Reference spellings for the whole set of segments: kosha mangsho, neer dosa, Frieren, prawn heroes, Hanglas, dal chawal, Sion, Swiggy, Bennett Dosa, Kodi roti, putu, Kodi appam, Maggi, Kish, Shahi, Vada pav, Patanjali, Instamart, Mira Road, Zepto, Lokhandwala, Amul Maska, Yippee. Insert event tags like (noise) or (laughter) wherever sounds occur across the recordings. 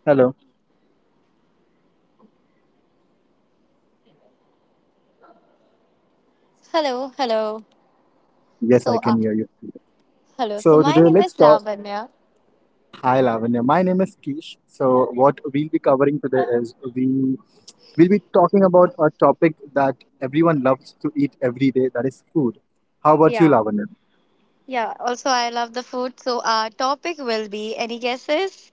Hello. Hello, hello. Yes, I So can hear um, you. hello. So So my today name let's is talk. Lavanya. Hi, Lavanya. My name is Kish. So what we'll be covering today is we will be talking about a topic that everyone loves to eat every day. That is food. How about you, Yeah, Lavanya? yeah. also, I love the food. So our topic will be, any guesses?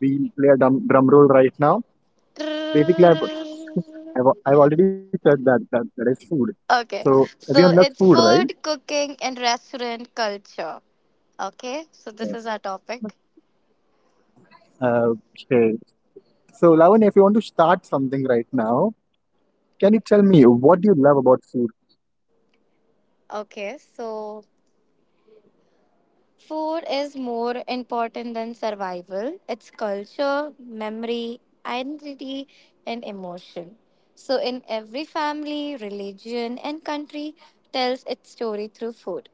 We play a drum roll right now. Okay. Basically, (laughs) I've already said that that is food. So everyone loves So food, it's right? food, cooking, and restaurant culture. Okay. So this is our topic. Uh, Okay. So Lavanya, if you want to start something right now, can you tell me what do you love about food? Okay. So food is more important than survival. It's culture, memory, identity, and emotion. So in every family, religion, and country, tells its story through food.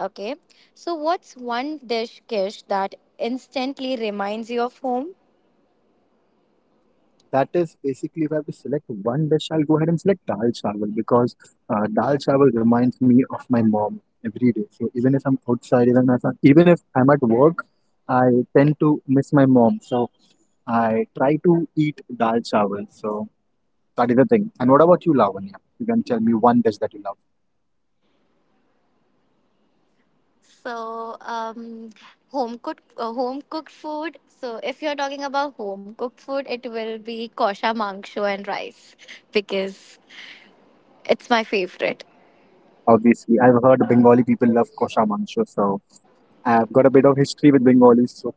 Okay. So what's one dish, Kish, that instantly reminds you of home? That is basically if I have to select one dish, I'll go ahead and select dal chawal because dal chawal reminds me of my mom every day. So even if I'm outside, even if I'm at work, I tend to miss my mom. So I try to eat dal chawal. So that is the thing. And what about you, Lavanya? You can tell me one dish that you love. So, um, home cooked food. So if you're talking about home cooked food, it will be kosha mangsho and rice because it's my favorite. Obviously, I've heard Bengali people love kosha mangsho, so I've got a bit of history with Bengalis. So.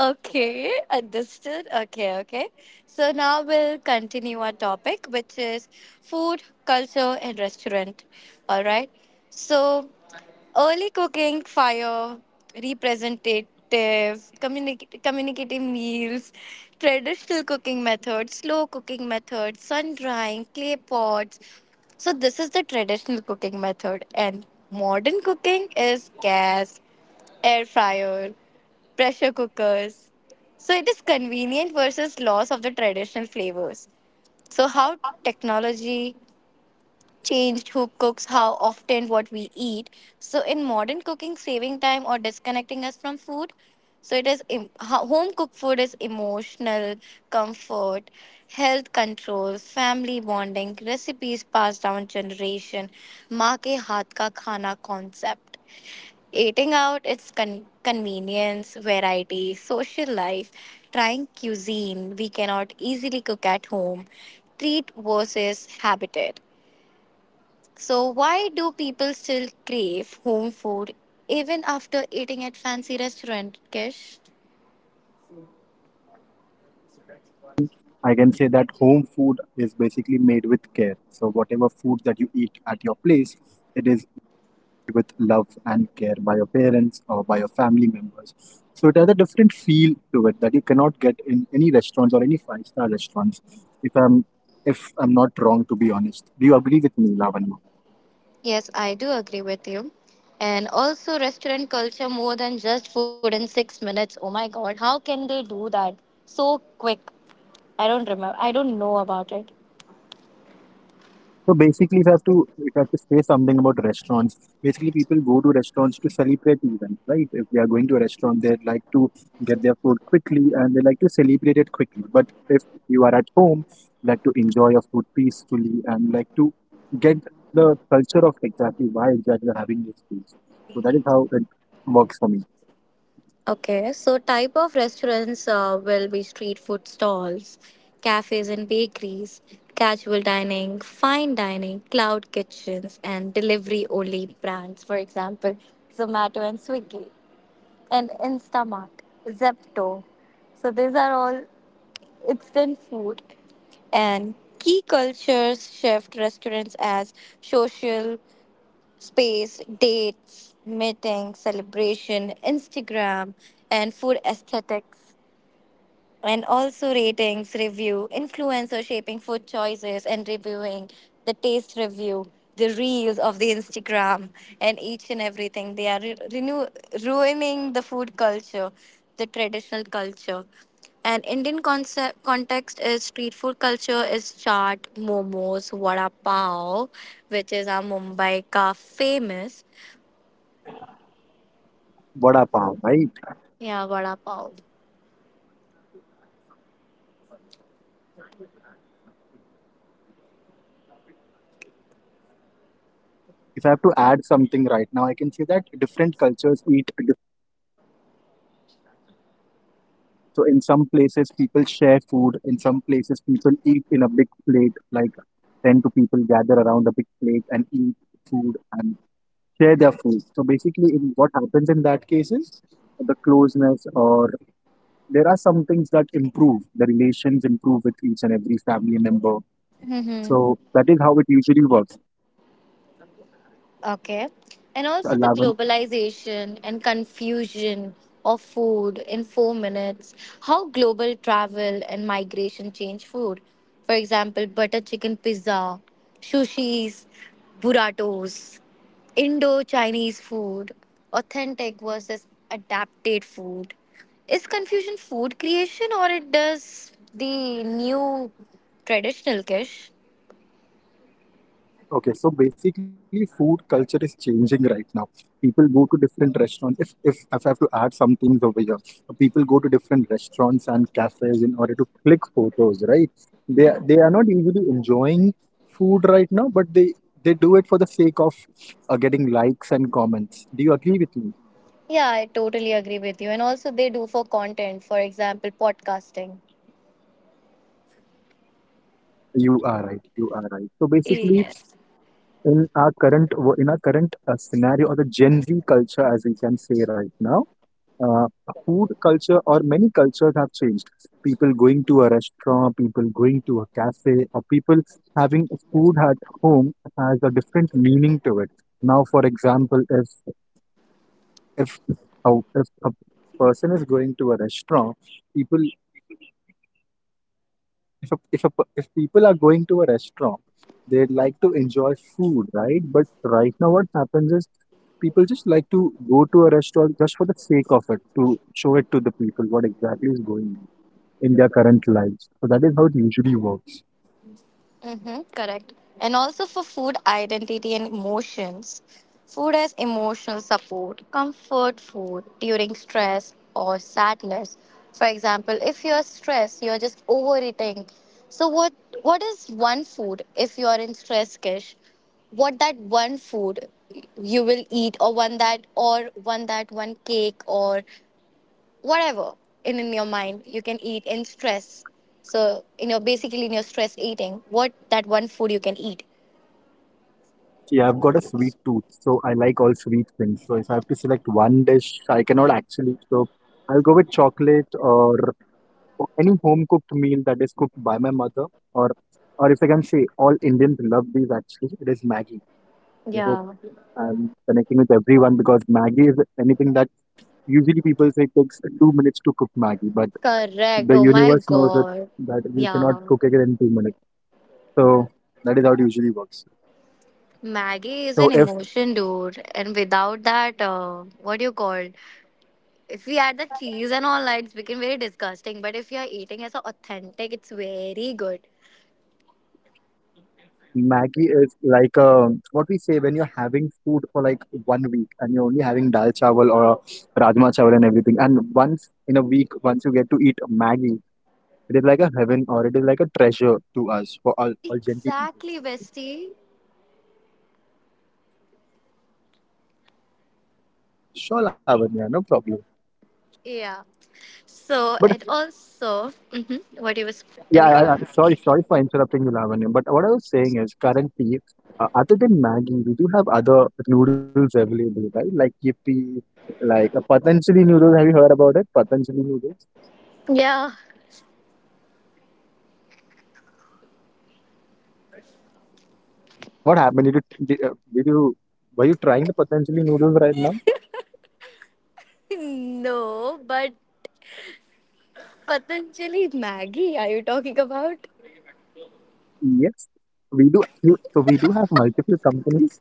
Okay, understood. Okay, okay. So now we'll continue our topic, which is food, culture, and restaurant. All right. So early cooking, fire, representative, communicative meals, traditional cooking methods, slow cooking methods, sun drying, clay pots. So this is the traditional cooking method, and modern cooking is gas, air fryer, pressure cookers. So it is convenient versus loss of the traditional flavors. So how technology changed who cooks, how often, what we eat. So in modern cooking, saving time or disconnecting us from food. So it is home cooked food is emotional comfort, health control, family bonding, recipes passed down generation, maa ke haath ka khana concept. Eating out, it's convenience, variety, social life, trying cuisine we cannot easily cook at home, treat versus habit. So why do people still crave home food even after eating at fancy restaurant, Kish? I can say that home food is basically made with care. So whatever food that you eat at your place, it is made with love and care by your parents or by your family members. So it has a different feel to it that you cannot get in any restaurants or any five-star restaurants. If I'm if I'm not wrong, to be honest, do you agree with me, Lavan? Yes, I do agree with you. And also, restaurant culture more than just food in 6 minutes. Oh my god, how can they do that so quick? I don't remember, I don't know about it. So basically, if I have to say something about restaurants, basically people go to restaurants to celebrate events, right? If they are going to a restaurant, they like to get their food quickly and they like to celebrate it quickly. But if you are at home, you like to enjoy your food peacefully and like to get the culture of exactly why exactly you're having this foods. So that is how it works for me. Okay, so type of restaurants will be street food stalls, cafes and bakeries, casual dining, fine dining, cloud kitchens, and delivery only brands, for example, Zomato and Swiggy, and Instamart, Zepto. So these are all instant food and key cultures shift restaurants as social space, dates, meetings, celebration, Instagram, and food aesthetics and also ratings, review, influencer shaping food choices and reviewing the taste review, the reels of the Instagram, and each and everything. They are ruining the food culture, the traditional culture. And Indian concept context is street food culture is chaat, momos, vada pav, which is our Mumbai ka famous. Vada pav, right? Yeah, vada pav. If I have to add something right now, I can say that different cultures eat. So in some places people share food, in some places people eat in a big plate, like 10 to people gather around a big plate and eat food and share their food. So basically in what happens in that case is the closeness or there are some things that improve, the relations improve with each and every family member. Hmm. So that is how it usually works. Okay. And also the 11. globalization and confusion of food in 4 minutes, how global travel and migration change food. For example, butter chicken pizza, sushis, burritos, Indo Chinese food, authentic versus adapted food. Is confusion food creation or it does the new traditional kish? Okay, so basically, food culture is changing right now. People go to different restaurants. If I have to add some things over here, people go to different restaurants and cafes in order to click photos, right? They are not usually enjoying food right now, but they do it for the sake of getting likes and comments. Do you agree with me? Yeah, I totally agree with you. And also, they do for content, for example, podcasting. You are right. You are right. So basically, Yes. In our current scenario or the Gen Z culture, as we can say right now, uh, food culture or many cultures have changed. People going to a restaurant, people going to a cafe, or people having food at home has a different meaning to it. Now, for example, if if a person is going to a restaurant, people if a, per- if people are going to a restaurant, they'd like to enjoy food, right? But right now, what happens is people just like to go to a restaurant just for the sake of it to show it to the people what exactly is going on in their current lives. So that is how it usually works. Mm-hmm, correct. And also for food identity and emotions. Food as emotional support, comfort food during stress or sadness. For example, if you're stressed, you're just overeating. So what is one food if you are in stress, Kish? What that one food you will eat or one cake or whatever in your mind you can eat in stress, so in your basically in your stress eating what that one food you can eat. Yeah, I've got a sweet tooth, so I like all sweet things. So if I have to select one dish, I cannot actually. So I'll go with chocolate or any home cooked meal that is cooked by my mother, or if I can say, all Indians love these actually. It is Maggi. I hope Yeah, I'm connecting with everyone because Maggi is anything that usually people say takes 2 minutes to cook Maggi, but correct, the oh my universe knows it god. that you cannot Yeah, cook it in 2 minutes. So that is how it usually works. Maggie is So an if emotion dude, and without that what do you call, if we add the cheese and all that it's become very disgusting, but if you're eating as a authentic it's very good. Maggi is like what we say when you're having food for like one week and you're only having dal chawal or rajma chawal and everything. And once in a week, once you get to eat Maggi, it is like a heaven or it is like a treasure to us for all Gen Z people. Exactly, bestie. Sure, Lavanya, no problem. Yeah, so But and also, hmm, what you was yeah, telling. Sorry, sorry for interrupting you, Lavanya. But what I was saying is currently, other than Maggi, we do have other noodles available, right? Like Yippee, like a Patanjali noodles. Have you heard about it? Patanjali noodles. Yeah. What happened? Did you were you trying the potentially noodles right now? No, but Patanjali Maggie, are you talking about? Yes, we do. You, so we do have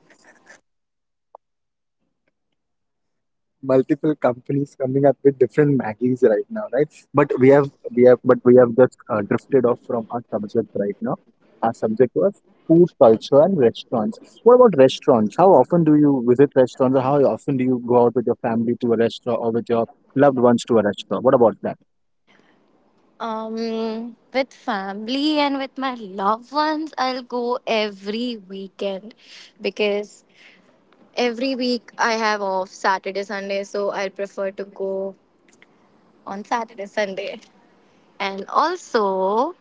multiple companies coming up with different Maggies right now, right? But we have just drifted off from our subject right now. Our subject was food culture and restaurants. What about restaurants? How often do you visit restaurants, or how often do you go out with your family to a restaurant or with your loved ones to a restaurant? What about that? With family and with my loved ones, I'll go every weekend because every week I have off Saturday, Sunday, so I will prefer to go on Saturday, Sunday. And also,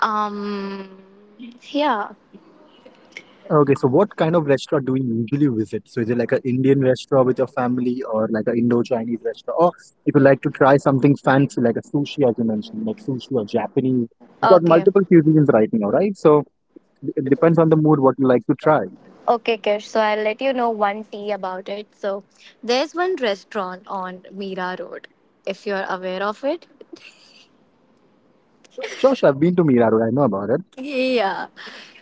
um, yeah, Okay, so what kind of restaurant do you usually visit? So is it like an Indian restaurant with your family or like an Indo-Chinese restaurant? Or if you like to try something fancy like a sushi, as you mentioned, like sushi or Japanese. We've got okay. multiple cuisines right now, right? So it depends on the mood what you like to try. Okay, Kish. So I'll let you know one tea about it. So there's one restaurant on Mira Road, if you're aware of it. Sure, sure, I've been to Mira Road, I know about it. Yeah.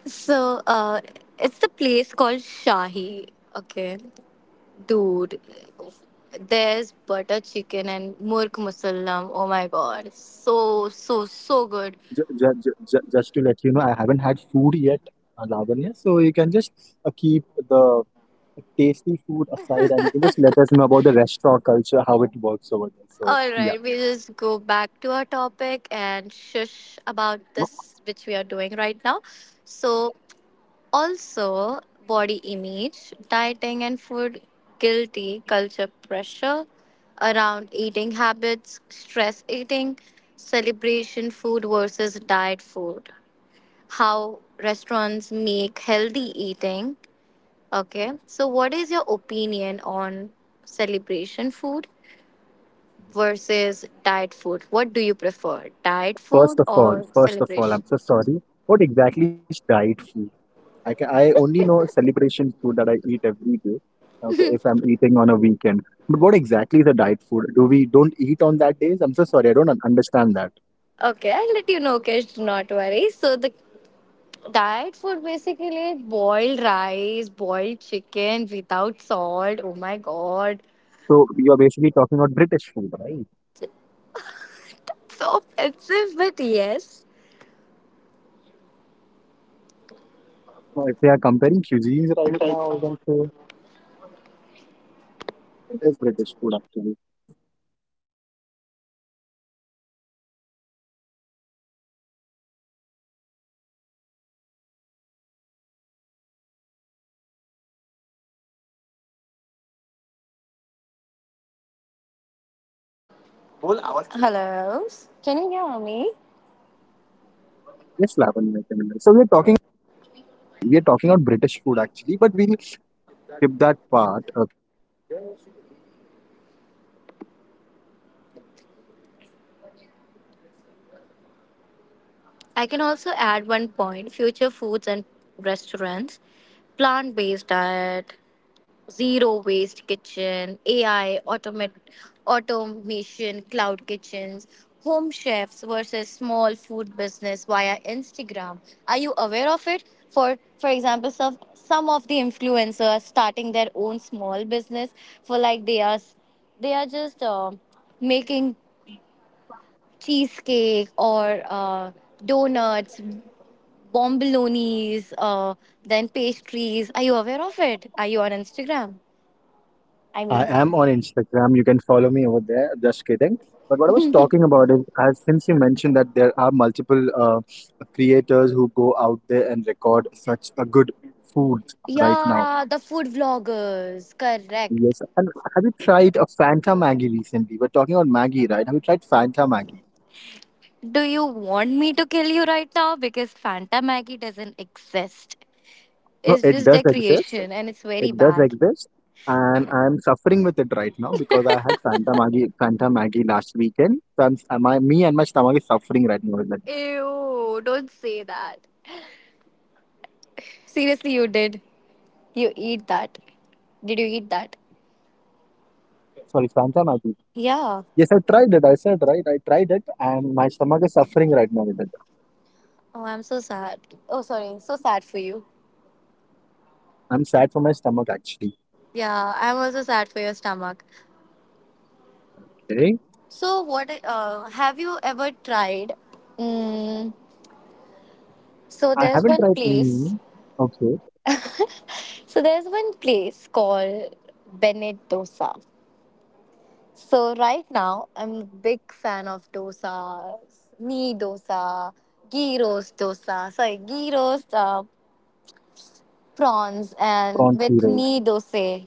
So it's the place called Shahi. Okay, dude. There's butter chicken and murk musallam. Oh my god, so so so good. Just to let you know, I haven't had food yet, Lavanya. So you can just keep the tasty food aside and you can just let us know about the restaurant culture, how it works over there. So All yeah. right, we just go back to our topic and shush about this which we are doing right now. So also, body image, dieting, and food guilty culture pressure around eating habits, stress eating, celebration food versus diet food, how restaurants make healthy eating. Okay, so what is your opinion on celebration food versus diet food? What do you prefer, diet food or First of all, I'm celebration? so sorry. What exactly is diet food? I can, I only know celebration food that I eat every day. Okay, if I'm eating on a weekend, but what exactly is a diet food? Do we don't eat on that days? I'm so sorry, I don't un- understand that. Okay, I'll let you know, Kesh, do not worry. So the diet food basically boiled rice, boiled chicken without salt. Oh my god. So you're basically talking about British food, right? So offensive, but yes. So if we are comparing cuisines right now, I don't say it is British food actually. Whole hour. Hello. Can you hear me? Yes, Lavanya. I can remember. So we're talking about British food actually, but we'll skip that part. I can also add one point, future foods and restaurants, plant based diet, zero waste kitchen, AI, automate, automation, cloud kitchens, home chefs versus small food business via Instagram. Are you aware of it? For example, some of the influencers are starting their own small business for, like, they are they are just making cheesecake or donuts, bombolonies, then pastries. Are you aware of it? Are you on Instagram? I I mean. am on Instagram. You can follow me over there. Just kidding. But what I was talking about is, as since you mentioned that there are multiple creators who go out there and record such a good food right now. Yeah, the food vloggers. Correct. Yes. And have you tried a Fanta Maggie recently? We're talking about Maggie, right? Have you tried Fanta Maggie? Do you want me to kill you right now? Because Fanta Maggie doesn't exist. No, It's it just does their exist. creation and it's very It does bad. exist. And I'm suffering with it right now because I had Fanta Maggie last weekend. So me and my stomach is suffering right now with it. Ew, don't say that. Seriously, you did. You eat that. Did you eat that? Sorry, Fanta Maggi. Yeah. Yes, I tried it. I said, right? I tried it, and my stomach is suffering right now with it. Oh, I'm so sad. Oh, sorry. So sad for you. I'm sad for my stomach actually. Yeah, I'm also sad for your stomach. Okay. So what have you ever tried? Mm, so I there's haven't one tried. place. Mm. Okay, (laughs) So there's one place called Bennett Dosa. So right now I'm a big fan of dosa, knee dosa, ghee roast dosa. Sorry, ghee roast prawns and prawn with heroes. knee dosa.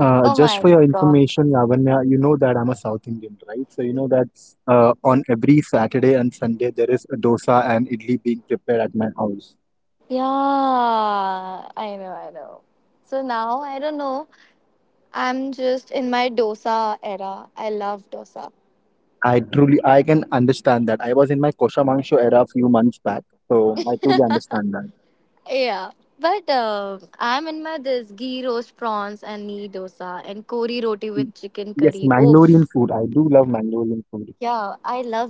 Oh Just my for your god. information, Lavanya, you know that I'm a South Indian, right? So you know that on every Saturday and Sunday there is a dosa and idli being prepared at my house. Yeah, I know, I know. So now I don't know. I'm just in my dosa era. I love dosa. I can understand that. I was in my kosher mangsho era a few months back, so I truly understand that. Yeah, but I'm in my this ghee roast prawns and nee dosa and kori roti Mm, with chicken Yes, curry. Mangalorean Oof. food. I do love Mangalorean food. Yeah, I love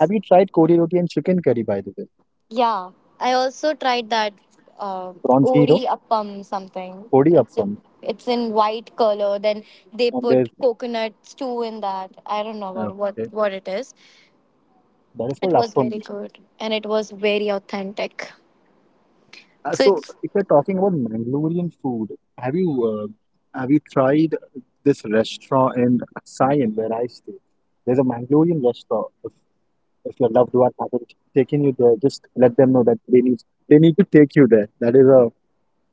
Have you tried Kodi roti and chicken curry, by the way? Yeah, I also tried that uh, From zero, odi appam something. Kodi appam. It's in white color. Then they And put there's, coconut stew in that. I don't know uh, about what okay, what it is. that is called It was very appam. good and it was very authentic. So So, it's, if you're talking about Mangalorean food, have you tried this restaurant in Sion where I stay? There's a Mangalorean restaurant. If your loved one hasn't taken you there, just let them know that they need to take you there. That is a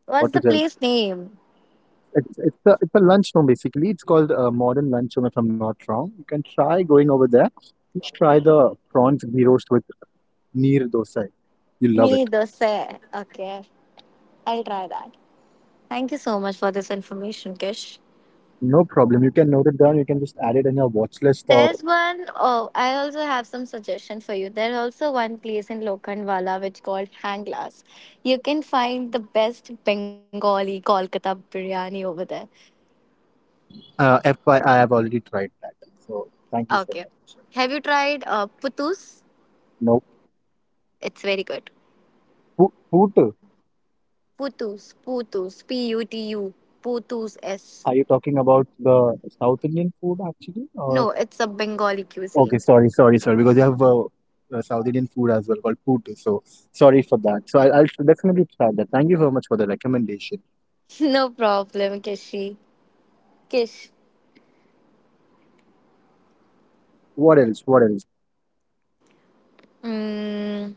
what's what to the tell. place name? It's a lunchroom basically. It's called a modern lunchroom if I'm not wrong. You can try going over there. You should try the prawns ghee roast with neer dosa. You love it. Me dosa. Okay. I'll try that. Thank you so much for this information, Kish. No problem. You can note it down. You can just add it in your watch list or There's one, oh, I also have some suggestion for you. There's also one place in Lokhandwala which called Hanglas. You can find the best Bengali Kolkata biryani over there. FYI, I've already tried that. So thank you Okay. so much. Have you tried putus? No It's very good. food. Food. Putu, putus S. Are you talking about the South Indian food actually, or No, it's a Bengali okay, cuisine. Sorry, because you have South Indian food as well called putu. So sorry for that. So I'll definitely try that. Thank you so much for the recommendation. (laughs) No problem, Kish. What else? What else? Mm,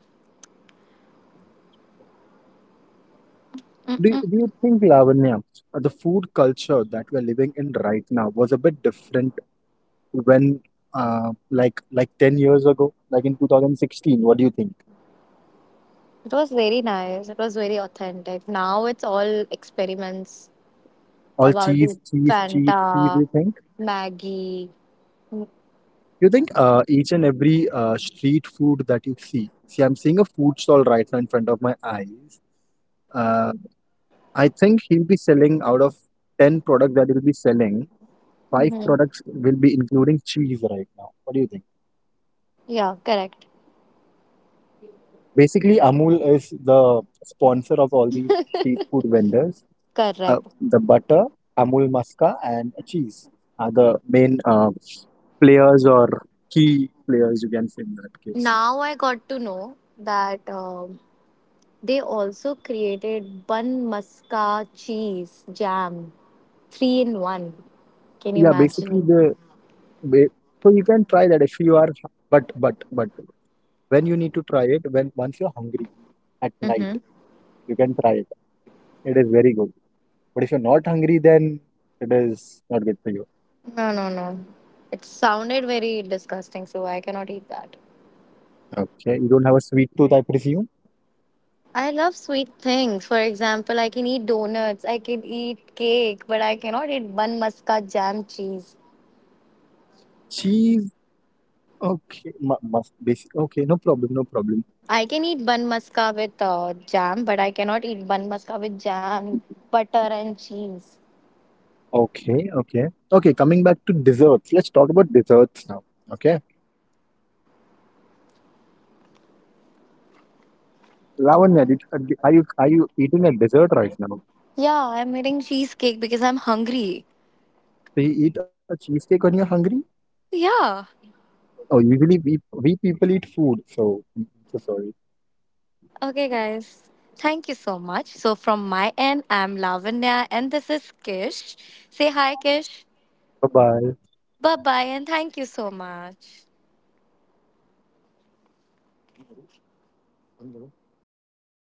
Do you think, Lavanya, the food culture that we're living in right now was a bit different when, like 10 years ago, like in 2016? What do you think? it was very nice. It was very authentic. Now it's all experiments All about the cheese, Fanta, you think? Maggie. You think each and every street food that you I'm seeing a food stall right now in front of my eyes. Uh, I think he'll be selling out of 10 products that he'll be selling, five Hmm. products will be including cheese right now. What do you think? Yeah, correct. Basically, Amul is the sponsor of all these street food vendors. Correct. The butter, Amul Maska, and cheese are the main players or key players you can say in that case. Now I got to know that they also created bun maska cheese jam, three in one. Can you Yeah, basically imagine? the ba- so you can try that if you are but when you need to try it when once you're hungry at night Mm-hmm. you can try it. It is very good. But if you're not hungry, then it is not good for you. No, no, no. It sounded very disgusting, so I cannot eat that. Okay, you don't have a sweet tooth, I presume. I love sweet things. For example, I can eat donuts, I can eat cake, but I cannot eat bun maska jam cheese. Cheese. Okay, must basic. Okay, no problem. I can eat bun maska with jam, but I cannot eat bun maska with jam, butter, and cheese. Okay, coming back to desserts, let's talk about desserts now. Okay, Oh. Lavanya, are you eating a dessert right now? Yeah, I'm eating cheesecake because I'm hungry. So you eat a cheesecake when you're hungry? Yeah. Oh, usually we people eat food, so I'm so sorry. Okay, guys. Thank you so much. So, from my end, I'm Lavanya and this is Kish. Say hi, Kish. Bye bye. Bye bye, and thank you so much.